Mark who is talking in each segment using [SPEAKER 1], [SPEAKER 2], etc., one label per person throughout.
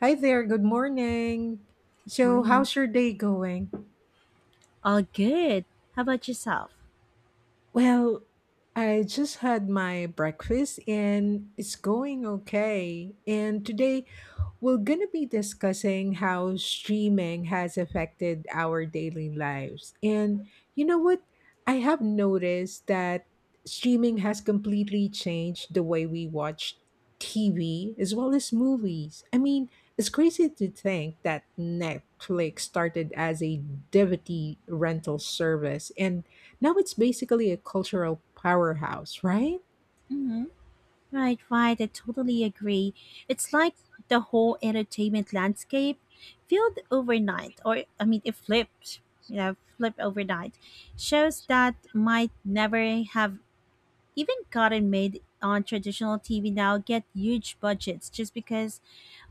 [SPEAKER 1] Hi there, good morning. So,
[SPEAKER 2] Morning.
[SPEAKER 1] how's your day going?
[SPEAKER 2] All good. How about yourself?
[SPEAKER 1] Well, I just had my breakfast and it's going okay. And today we're going to be discussing how streaming has affected our daily lives. And you know what? I have noticed that streaming has completely changed the way we watch TV as well as movies. I mean, it's crazy to think that Netflix started as a DVD rental service and now it's basically a cultural powerhouse, right?
[SPEAKER 2] Hmm. Right, right. I totally agree. It's like the whole entertainment landscape filled overnight, or it flipped, flipped overnight. Shows that might never have. Even content made on traditional TV now get huge budgets just because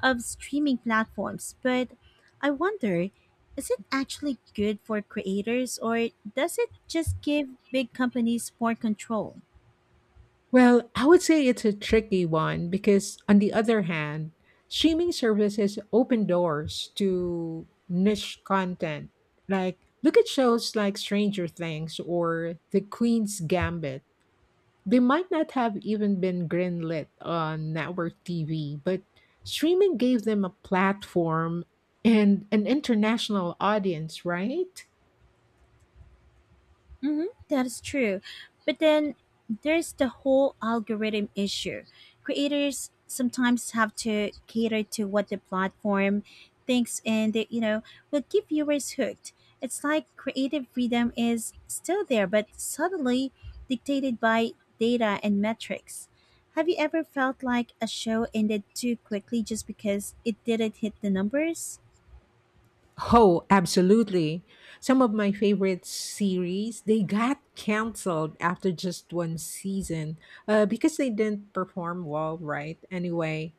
[SPEAKER 2] of streaming platforms. But I wonder, is it actually good for creators or does it just give big companies more control?
[SPEAKER 1] Well, I would say it's a tricky one because, on the other hand, streaming services open doors to niche content. Like, look at shows like Stranger Things or The Queen's Gambit. They might not have even been greenlit on network TV, but streaming gave them a platform and an international audience, right?
[SPEAKER 2] Mm-hmm, that's true. But then there's the whole algorithm issue. Creators sometimes have to cater to what the platform thinks and they will keep viewers hooked. It's like creative freedom is still there, but suddenly dictated by data and metrics. Have you ever felt like a show ended too quickly just because it didn't hit the numbers?
[SPEAKER 1] Oh, absolutely. Some of my favorite series, they got canceled after just one season because they didn't perform well, right? Anyway.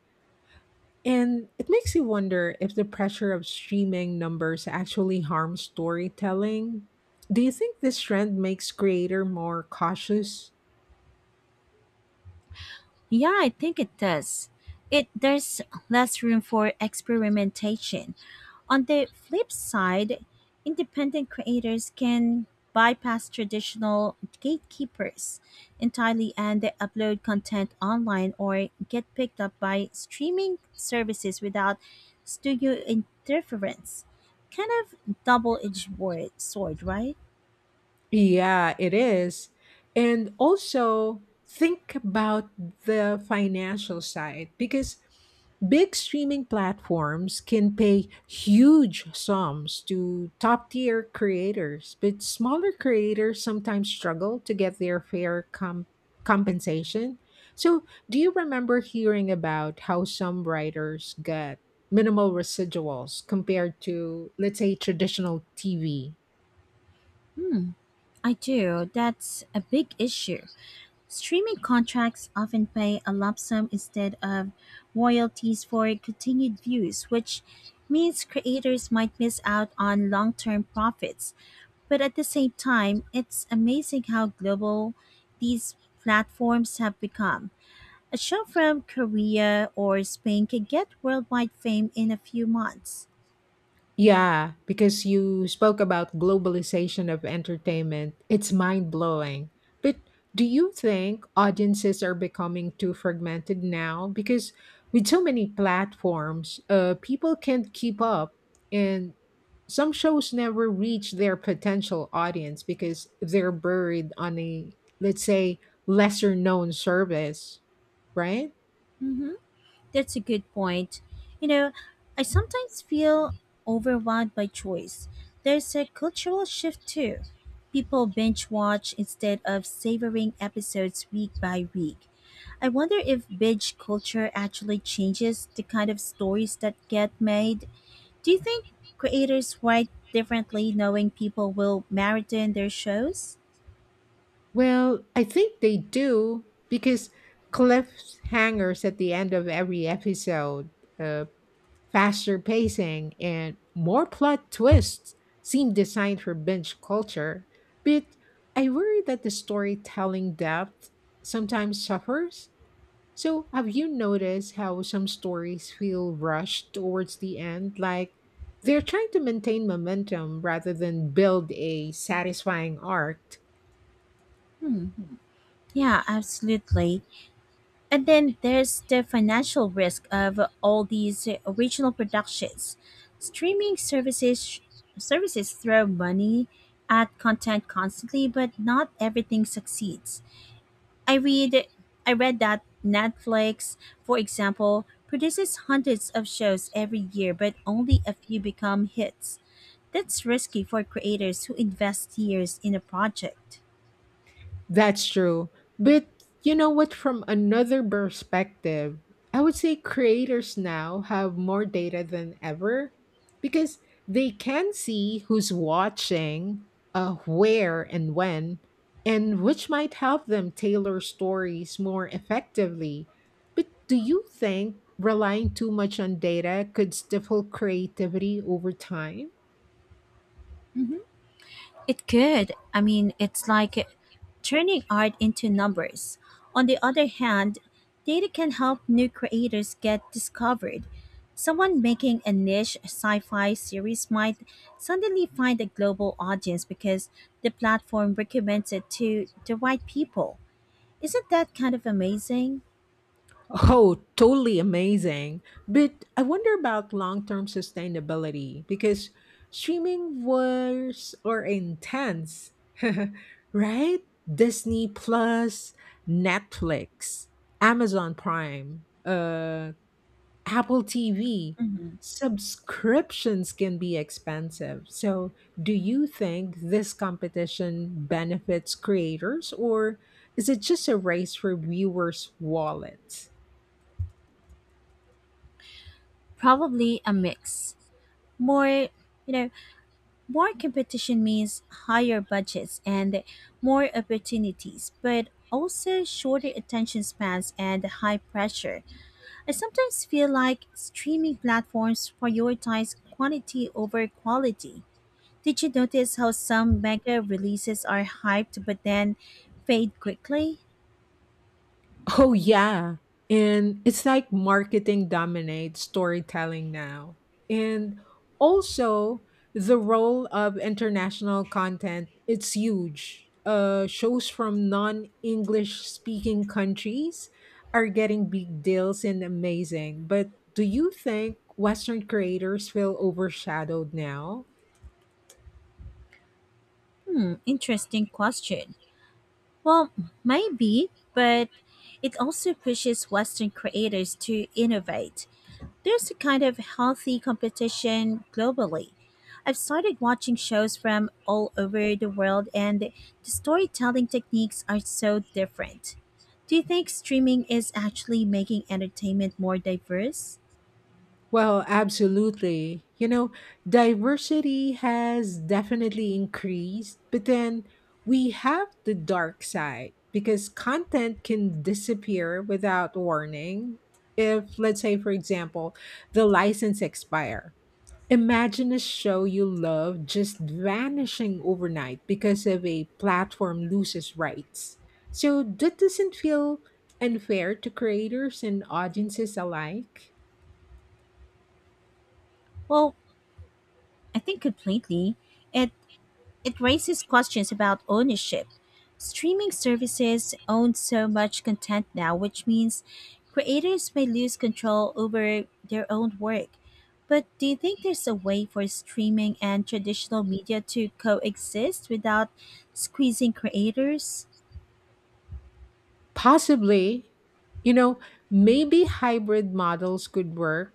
[SPEAKER 1] And it makes you wonder if the pressure of streaming numbers actually harms storytelling. Do you think this trend makes creator more cautious?
[SPEAKER 2] Yeah, I think it does. It There's less room for experimentation. On the flip side, independent creators can bypass traditional gatekeepers entirely and they upload content online or get picked up by streaming services without studio interference. Kind of sword, right?
[SPEAKER 1] Yeah, it is. And also think about the financial side because big streaming platforms can pay huge sums to top tier creators, but smaller creators sometimes struggle to get their fair compensation. So, do you remember hearing about how some writers get minimal residuals compared to, let's say, traditional TV?
[SPEAKER 2] I do. That's a big issue. Streaming contracts often pay a lump sum instead of royalties for continued views, which means creators might miss out on long term profits. But at the same time, it's amazing how global these platforms have become. A show from Korea or Spain can get worldwide fame in a few months.
[SPEAKER 1] Yeah, because you spoke about globalization of entertainment, it's mind blowing. But do you think audiences are becoming too fragmented now? Because with so many platforms, people can't keep up, and some shows never reach their potential audience because they're buried on a, let's say, lesser known service, right?
[SPEAKER 2] Mhm. That's a good point. You know, I sometimes feel overwhelmed by choice. There's a cultural shift too. People binge watch instead of savoring episodes week by week. I wonder if binge culture actually changes the kind of stories that get made. Do you think creators write differently knowing people will marathon their shows?
[SPEAKER 1] Well, I think they do because cliffhangers at the end of every episode, uh, faster pacing, and more plot twists seem designed for binge culture. But I worry that the storytelling depth sometimes suffers. So, have you noticed how some stories feel rushed towards the end? Like they're trying to maintain momentum rather than build a satisfying arc.
[SPEAKER 2] Yeah, absolutely. And then there's the financial risk of all these original productions. Streaming services Services throw money at content constantly, but not everything succeeds. I read I read that Netflix, for example, produces hundreds of shows every year, but only a few become hits. That's risky for creators who invest years in a project.
[SPEAKER 1] That's true. But you know what? From another perspective, I would say creators now have more data than ever because they can see who's watching, where and when, and which might help them tailor stories more effectively. But do you think relying too much on data could stifle creativity over time?
[SPEAKER 2] Mhm. It could. I mean, it's like turning art into numbers. On the other hand, data can help new creators get discovered. Someone making a niche sci fi series might suddenly find a global audience because the platform recommends it to the right people. Isn't that kind of amazing?
[SPEAKER 1] Oh, totally amazing. But I wonder about long-term sustainability because streaming wars are intense, right? Disney Plus, Netflix, Amazon Prime, Apple TV.
[SPEAKER 2] Mhm.
[SPEAKER 1] Subscriptions can be expensive. So, do you think this competition benefits creators or is it just a race for viewers' wallets?
[SPEAKER 2] Probably a mix. More, you know, More competition means higher budgets and more opportunities, but also shorter attention spans and high pressure. I sometimes feel like streaming platforms prioritize quantity over quality. Did you notice how some mega releases are hyped but then fade quickly?
[SPEAKER 1] Oh, yeah. And it's like marketing dominates storytelling now. And also, the role of international content, it's huge. Shows from non-English speaking countries are getting big deals and amazing. But do you think Western creators feel overshadowed now?
[SPEAKER 2] Interesting question. Well, maybe, but it also pushes Western creators to innovate. There's a kind of healthy competition globally. I've started watching shows from all over the world, and the storytelling techniques are so different. Do you think streaming is actually making entertainment more diverse?
[SPEAKER 1] Well, absolutely. You know, diversity has definitely increased, but then we have the dark side because content can disappear without warning. If, let's say, for example, the license expire, imagine a show you love just vanishing overnight because of a platform loses rights. So that doesn't feel unfair to creators and audiences alike.
[SPEAKER 2] Well, I think completely. It It raises questions about ownership. Streaming services own so much content now, which means creators may lose control over their own work. But do you think there's a way for streaming and traditional media to coexist without squeezing creators?
[SPEAKER 1] Possibly, you know, maybe hybrid models could work,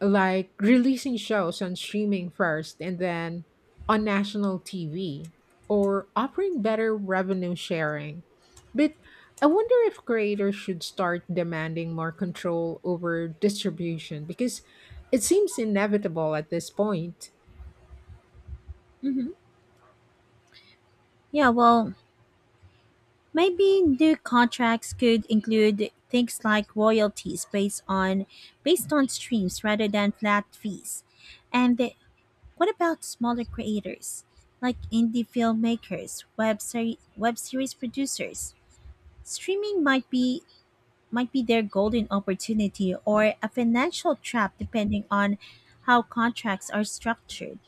[SPEAKER 1] like releasing shows on streaming first and then on national TV, or offering better revenue sharing. But I wonder if creators should start demanding more control over distribution because it seems inevitable at this point.
[SPEAKER 2] Hmm. Yeah, well, maybe new contracts could include things like royalties based on based on streams rather than flat fees. And the What about smaller creators, like indie filmmakers, web series producers? Streaming might be their golden opportunity or a financial trap depending on how contracts are structured.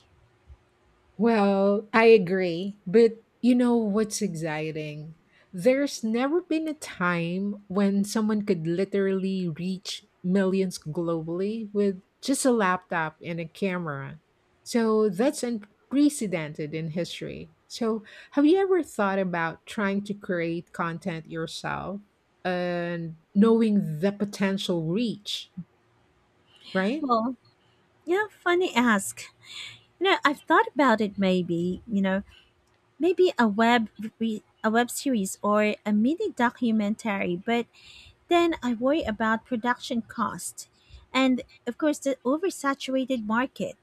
[SPEAKER 1] Well, I agree. But what's exciting? There's never been a time when someone could literally reach millions globally with just a laptop and a camera. So that's unprecedented in history. So, have you ever thought about trying to create content yourself and knowing the potential reach, right?
[SPEAKER 2] Well, you know, funny ask. You know, I've thought about it maybe, maybe a a web series or a mini documentary, but then I worry about production cost and of course the oversaturated market.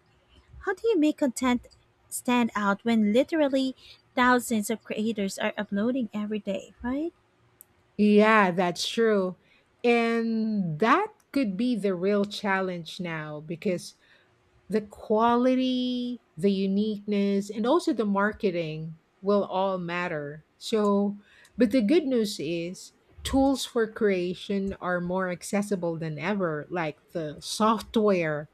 [SPEAKER 2] How do you make content stand out when literally thousands of creators are uploading every day, right?
[SPEAKER 1] Yeah, that's true. And that could be the real challenge now because the quality, the uniqueness, and also the marketing will all matter. So, but the good news is tools for creation are more accessible than ever, like the software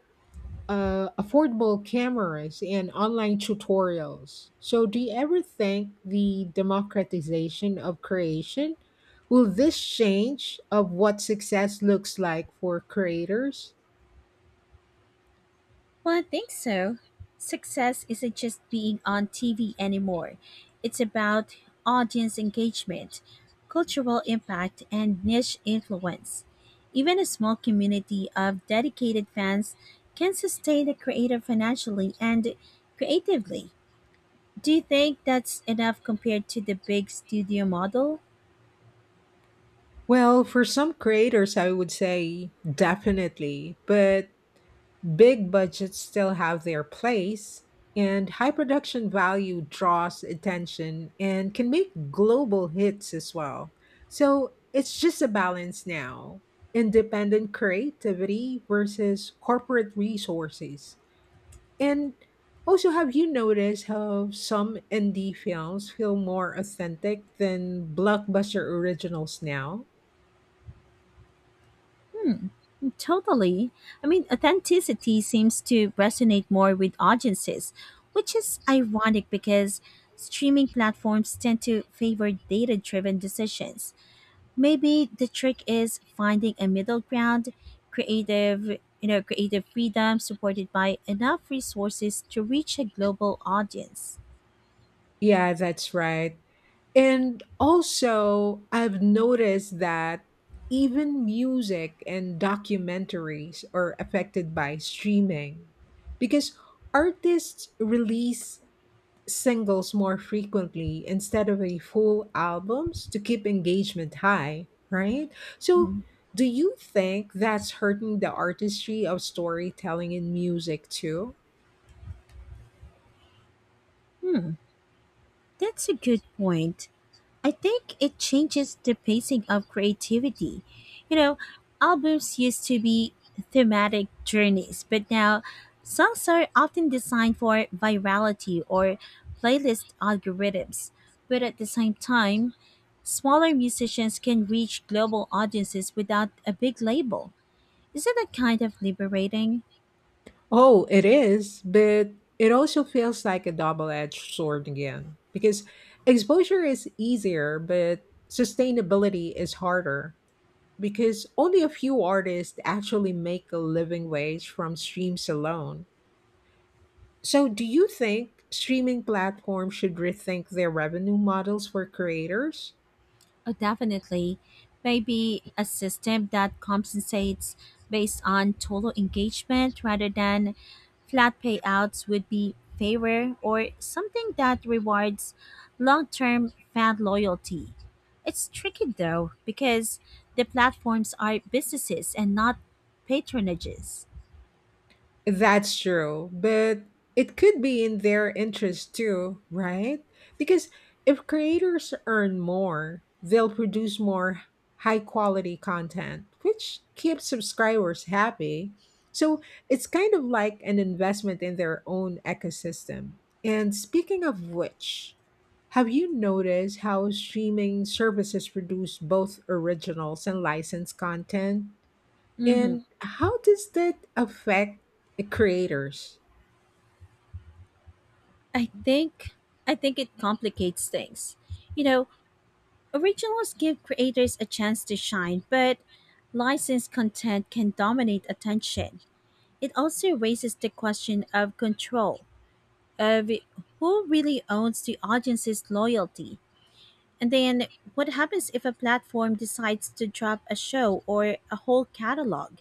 [SPEAKER 1] affordable cameras and online tutorials. So, do you ever think the democratization of creation will this change of what success looks like for creators?
[SPEAKER 2] Well, I think so. Success isn't just being on TV anymore, it's about audience engagement, cultural impact, and niche influence. Even a small community of dedicated fans can sustain a creator financially and creatively. Do you think that's enough compared to the big studio model?
[SPEAKER 1] Well, for some creators, I would say definitely, but big budgets still have their place, and high production value draws attention and can make global hits as well. So it's just a balance now independent creativity versus corporate resources. And also, have you noticed how some indie films feel more authentic than blockbuster originals now?
[SPEAKER 2] Totally. I mean, authenticity seems to resonate more with audiences, which is ironic because streaming platforms tend to favor data driven decisions. Maybe the trick is finding a middle ground, creative freedom supported by enough resources to reach a global audience.
[SPEAKER 1] Yeah, that's right. And also, I've noticed that even music and documentaries are affected by streaming because artists release singles more frequently instead of a full albums to keep engagement high, right? So, do you think that's hurting the artistry of storytelling in music too?
[SPEAKER 2] That's a good point. I think it changes the pacing of creativity. You know, albums used to be thematic journeys, but now songs are often designed for virality or playlist algorithms. But at the same time, smaller musicians can reach global audiences without a big label. Isn't that kind of liberating?
[SPEAKER 1] Oh, it is, but it also feels like a double-edged sword again because exposure is easier, but sustainability is harder because only a few artists actually make a living wage from streams alone. So, do you think streaming platforms should rethink their revenue models for creators?
[SPEAKER 2] Oh, definitely. Maybe a system that compensates based on total engagement rather than flat payouts would be fairer, or something that rewards long term fan loyalty. It's tricky though, because the platforms are businesses and not patronages.
[SPEAKER 1] That's true, but it could be in their interest too, right? Because if creators earn more, they'll produce more high quality content, which keeps subscribers happy. So it's kind of like an investment in their own ecosystem. And speaking of which, have you noticed how streaming services produce both originals and licensed content?
[SPEAKER 2] Hmm.
[SPEAKER 1] And how does that affect creators?
[SPEAKER 2] I think I think it complicates things. You know, originals give creators a chance to shine, but licensed content can dominate attention. It also raises the question of control, of who really owns the audience's loyalty. And then what happens if a platform decides to drop a show or a whole catalog?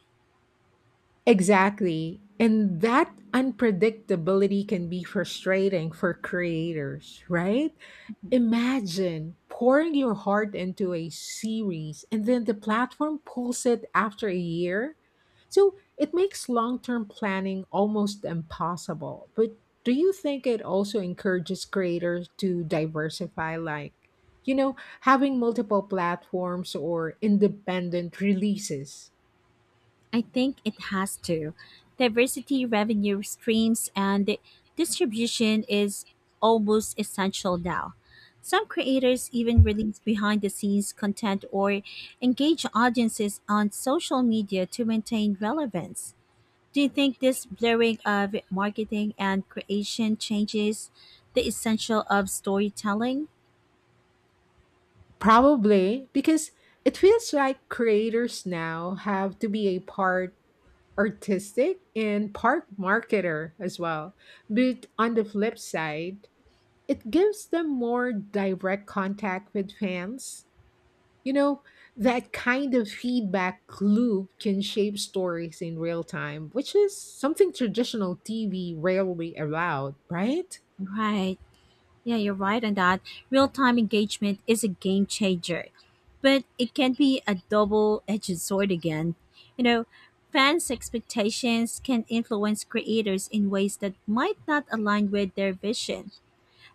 [SPEAKER 1] Exactly. And that unpredictability can be frustrating for creators, right? Imagine pouring your heart into a series and then the platform pulls it after a year. So it makes long term planning almost impossible. But do you think it also encourages creators to diversify, like, you know, having multiple platforms or independent releases?
[SPEAKER 2] I think it has to. Diversity revenue streams and distribution is almost essential now. Some creators even release behind the scenes content or engage audiences on social media to maintain relevance. Do you think this blurring of marketing and creation changes the essential of storytelling?
[SPEAKER 1] Probably, because it feels like creators now have to be a part artistic and part marketer as well. But on the flip side, it gives them more direct contact with fans. You know, that kind of feedback loop can shape stories in real time, which is something traditional TV rarely allowed, right?
[SPEAKER 2] Right. Yeah, you're right on that. Real time engagement is a game changer, but it can be a double edged sword again. You know, fans' expectations can influence creators in ways that might not align with their vision.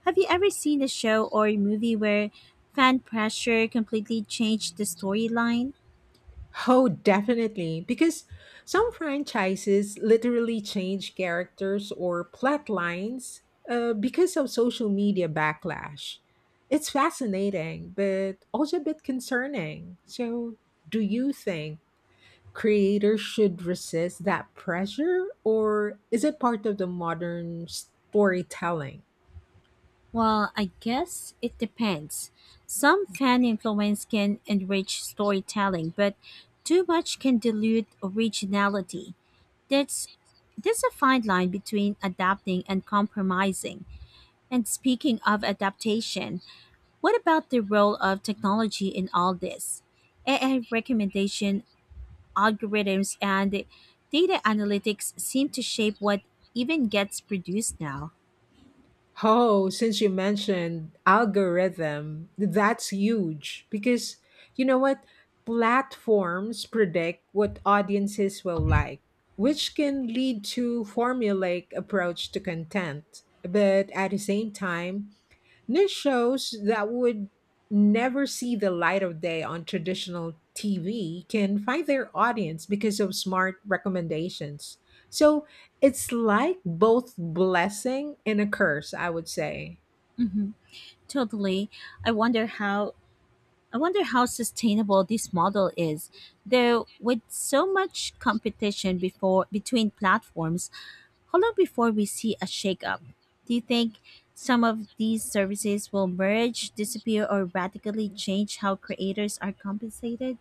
[SPEAKER 2] Have you ever seen a show or a movie where fan pressure completely changed the storyline?
[SPEAKER 1] Oh, definitely. Because some franchises literally change characters or plot lines because of social media backlash. It's fascinating, but also a bit concerning. So, do you think creators should resist that pressure, or is it part of the modern storytelling?
[SPEAKER 2] Well, I guess it depends. Some fan influence can enrich storytelling, but too much can dilute originality. That's There's a fine line between adapting and compromising. And speaking of adaptation, what about the role of technology in all this? AI recommendation algorithms and data analytics seem to shape what even gets produced now.
[SPEAKER 1] Oh, since you mentioned algorithm, that's huge because you know what? Platforms predict what audiences will like, which can lead to formulaic approach to content. But at the same time, niche shows that would never see the light of day on traditional TV can find their audience because of smart recommendations. So it's like both blessing and a curse, I would say.
[SPEAKER 2] Totally. I wonder how I wonder how sustainable this model is, though with so much competition before between platforms, how long before we see a shakeup? Do you think some of these services will merge, disappear, or radically change how creators are compensated?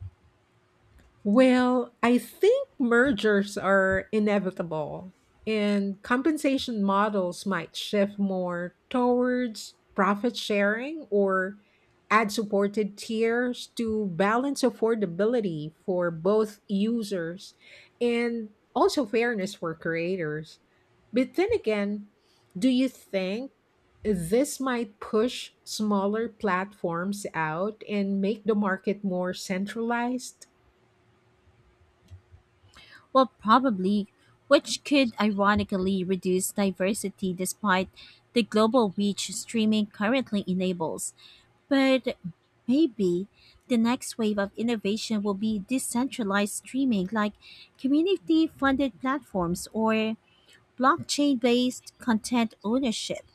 [SPEAKER 1] Well, I think mergers are inevitable, and compensation models might shift more towards profit sharing or ad supported tiers to balance affordability for both users and also fairness for creators. But then again, do you think this might push smaller platforms out and make the market more centralized?
[SPEAKER 2] Well, probably, which could ironically reduce diversity despite the global reach streaming currently enables. But maybe the next wave of innovation will be decentralized streaming like community funded platforms or blockchain based content ownership.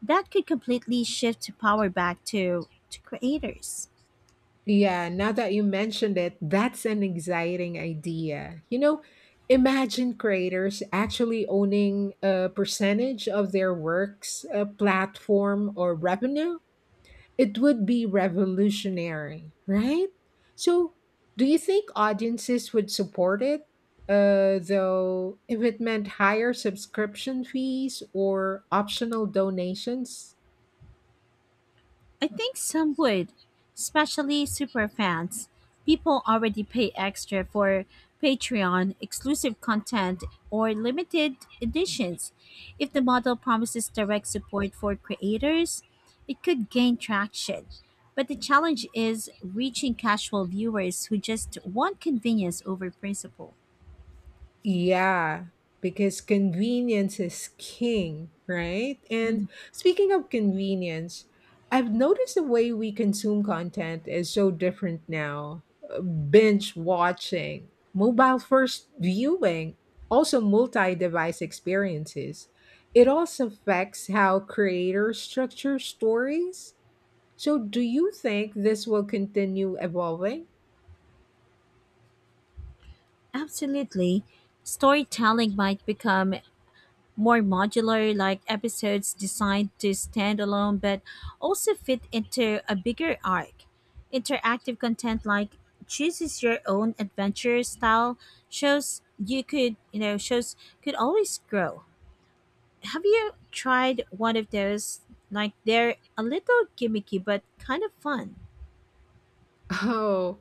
[SPEAKER 2] That could completely shift power back to creators.
[SPEAKER 1] Yeah, now that you mentioned it, that's an exciting idea. You know, imagine creators actually owning a percentage of their works, a platform, or revenue. It would be revolutionary, right? So, do you think audiences would support it? Though, if it meant higher subscription fees or optional donations?
[SPEAKER 2] I think some would, especially superfans. People already pay extra for Patreon exclusive content or limited editions. If the model promises direct support for creators, it could gain traction. But the challenge is reaching casual viewers who just want convenience over principle.
[SPEAKER 1] Yeah, because convenience is king, right? And
[SPEAKER 2] Mhm.
[SPEAKER 1] speaking of convenience, I've noticed the way we consume content is so different now. Binge watching, mobile first viewing, also multi device experiences. It also affects how creators structure stories. So, do you think this will continue evolving?
[SPEAKER 2] Absolutely. Storytelling might become more modular like episodes designed to stand alone but also fit into a bigger arc interactive content like chooses your own adventure style shows you could shows could always grow. Have you tried one of those? Like they're a little gimmicky but kind of fun.
[SPEAKER 1] Oh,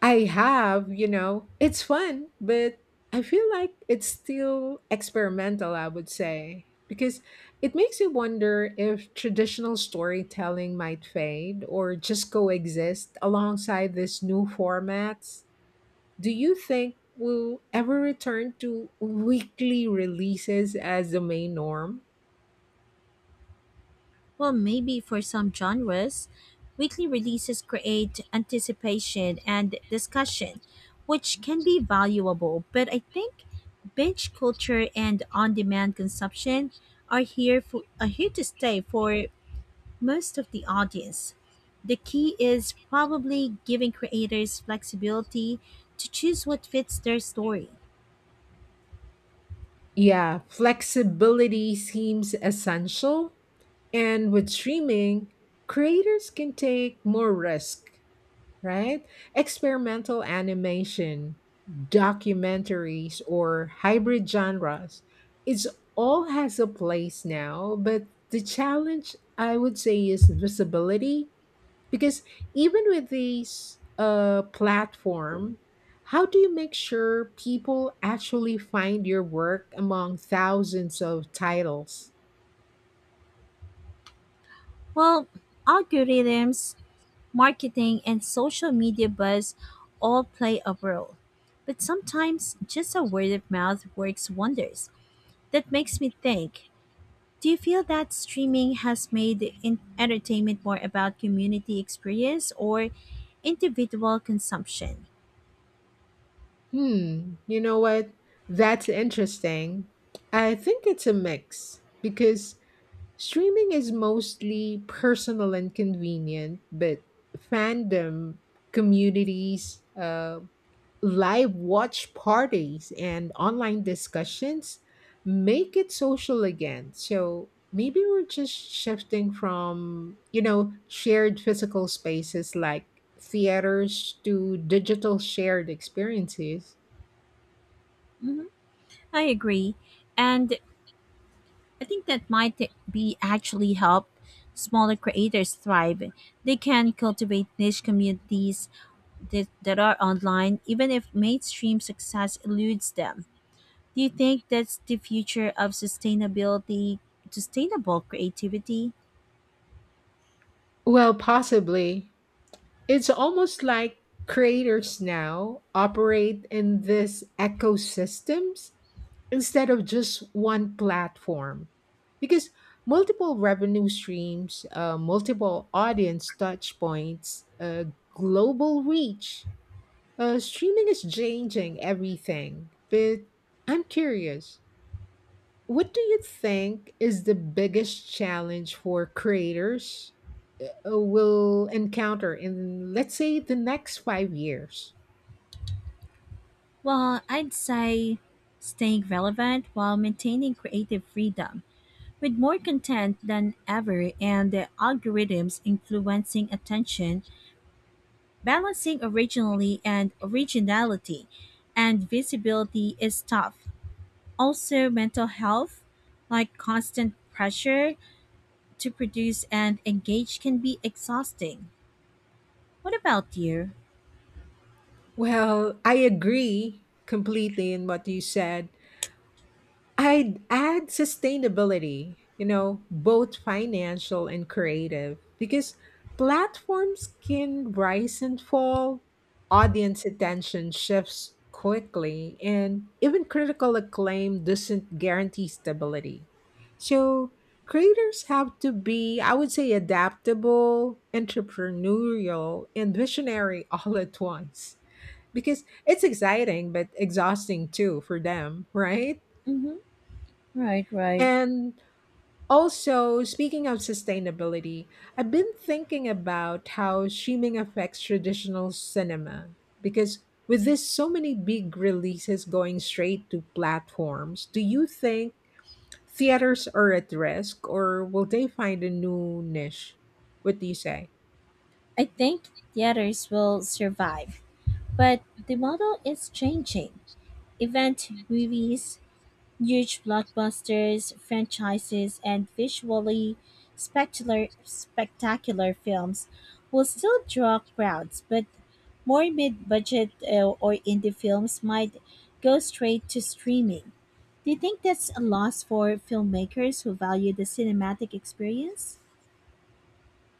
[SPEAKER 1] I have, you know, it's fun, but I feel like it's still experimental, I would say, because it makes you wonder if traditional storytelling might fade or just coexist alongside these new formats. Do you think we'll ever return to weekly releases as the main norm?
[SPEAKER 2] Well, maybe for some genres, weekly releases create anticipation and discussion, which can be valuable. But I think binge culture and on-demand consumption are here to stay for most of the audience. The key is probably giving creators flexibility to choose what fits their story.
[SPEAKER 1] Yeah, flexibility seems essential, and with streaming, creators can take more risk right? Experimental animation, documentaries, or hybrid genres. It's all has a place now, but the challenge I would say is visibility because even with these platform, how do you make sure people actually find your work among thousands of titles?
[SPEAKER 2] Well, algorithms marketing, and social media buzz all play a role. But sometimes just a word of mouth works wonders. That makes me think, do you feel that streaming has made entertainment more about community experience or individual consumption?
[SPEAKER 1] Hmm, you know what? That's interesting. I think it's a mix because streaming is mostly personal and convenient, but fandom communities, live watch parties, and online discussions make it social again. So maybe we're just shifting from, you know, shared physical spaces like theaters to digital shared experiences.
[SPEAKER 2] Mhm, I agree. And I think that might be actually help smaller creators thrive. They can cultivate niche communities that are online, even if mainstream success eludes them. Do you think that's the future of sustainable creativity?
[SPEAKER 1] Well, possibly. It's almost like creators now operate in this ecosystems instead of just one platform because multiple revenue streams, multiple audience touch points, global reach. Streaming is changing everything, but I'm curious. What do you think is the biggest challenge for creators will encounter in, let's say, the next 5 years?
[SPEAKER 2] Well, I'd say staying relevant while maintaining creative freedom. With more content than ever and the algorithms influencing attention, balancing originally and originality and visibility is tough. Also, mental health, like constant pressure to produce and engage can be exhausting. What about you?
[SPEAKER 1] Well, I agree completely in what you said. I'd add sustainability, you know, both financial and creative, because platforms can rise and fall, audience attention shifts quickly, and even critical acclaim doesn't guarantee stability. So, creators have to be, I would say, adaptable, entrepreneurial, and visionary all at once, because it's exciting but exhausting too for them, right?
[SPEAKER 2] Mm-hmm. Right, right.
[SPEAKER 1] And also, speaking of sustainability, I've been thinking about how streaming affects traditional cinema because with this so many big releases going straight to platforms, do you think theaters are at risk or will they find a new niche? What do you say?
[SPEAKER 2] I think theaters will survive, but the model is changing. Event movies, huge blockbusters, franchises, and visually spectacular films will still draw crowds, but more mid budget or indie films might go straight to streaming. Do you think that's a loss for filmmakers who value the cinematic experience?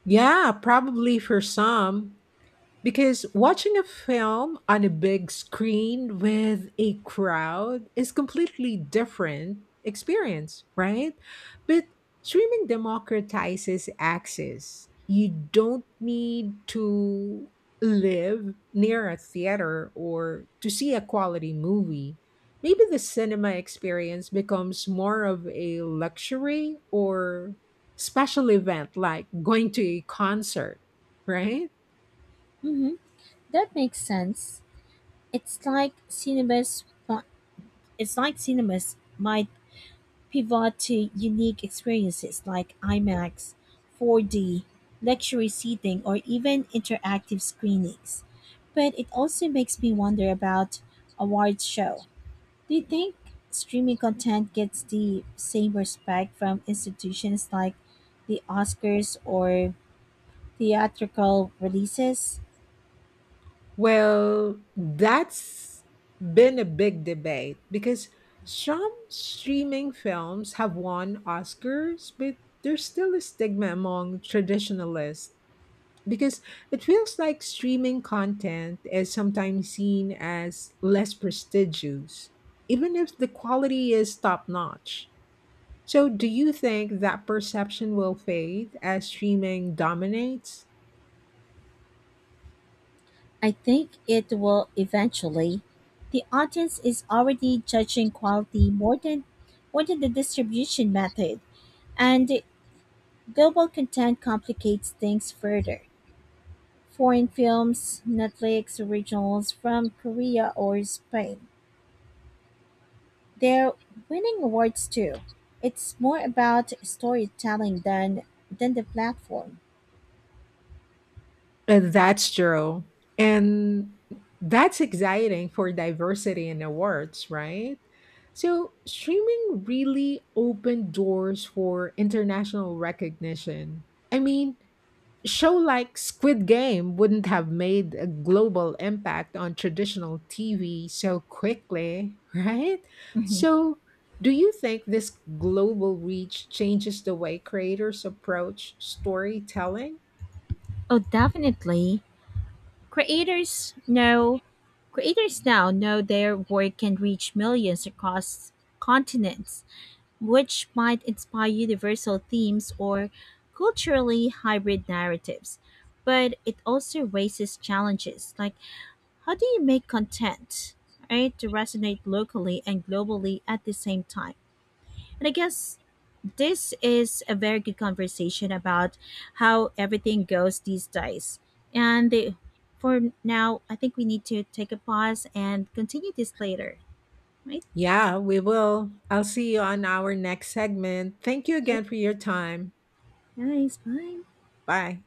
[SPEAKER 1] Yeah, probably for some. Because watching a film on a big screen with a crowd is completely different experience, right? But streaming democratizes access. You don't need to live near a theater or to see a quality movie. Maybe the cinema experience becomes more of a luxury or special event like going to a concert, right?
[SPEAKER 2] Mm-hmm. That makes sense. It's like cinemas. It's like cinemas might pivot to unique experiences like IMAX, 4D, luxury seating, or even interactive screenings. But it also makes me wonder about awards show. Do you think streaming content gets the same respect from institutions like the Oscars or theatrical releases?
[SPEAKER 1] Well, that's been a big debate because some streaming films have won Oscars, but there's still a stigma among traditionalists because it feels like streaming content is sometimes seen as less prestigious, even if the quality is top notch. So, do you think that perception will fade as streaming dominates?
[SPEAKER 2] I think it will eventually. The audience is already judging quality more than the distribution method. And global content complicates things further. Foreign films, Netflix originals from Korea or Spain, they're winning awards too. It's more about storytelling than the platform.
[SPEAKER 1] That's true. And that's exciting for diversity in awards, right? So, streaming really opened doors for international recognition. I mean, show like Squid Game wouldn't have made a global impact on traditional TV so quickly, right?
[SPEAKER 2] Mhm.
[SPEAKER 1] So, do you think this global reach changes the way creators approach storytelling?
[SPEAKER 2] Oh, definitely. Creators know Creators now know their work can reach millions across continents, which might inspire universal themes or culturally hybrid narratives. But it also raises challenges like how do you make content, right, to resonate locally and globally at the same time? And I guess this is a very good conversation about how everything goes these days. And the, for now, I think we need to take a pause and continue this later, right?
[SPEAKER 1] Yeah, we will. I'll see you on our next segment. Thank you
[SPEAKER 2] Sure.
[SPEAKER 1] again for your time.
[SPEAKER 2] Guys, bye.
[SPEAKER 1] Bye.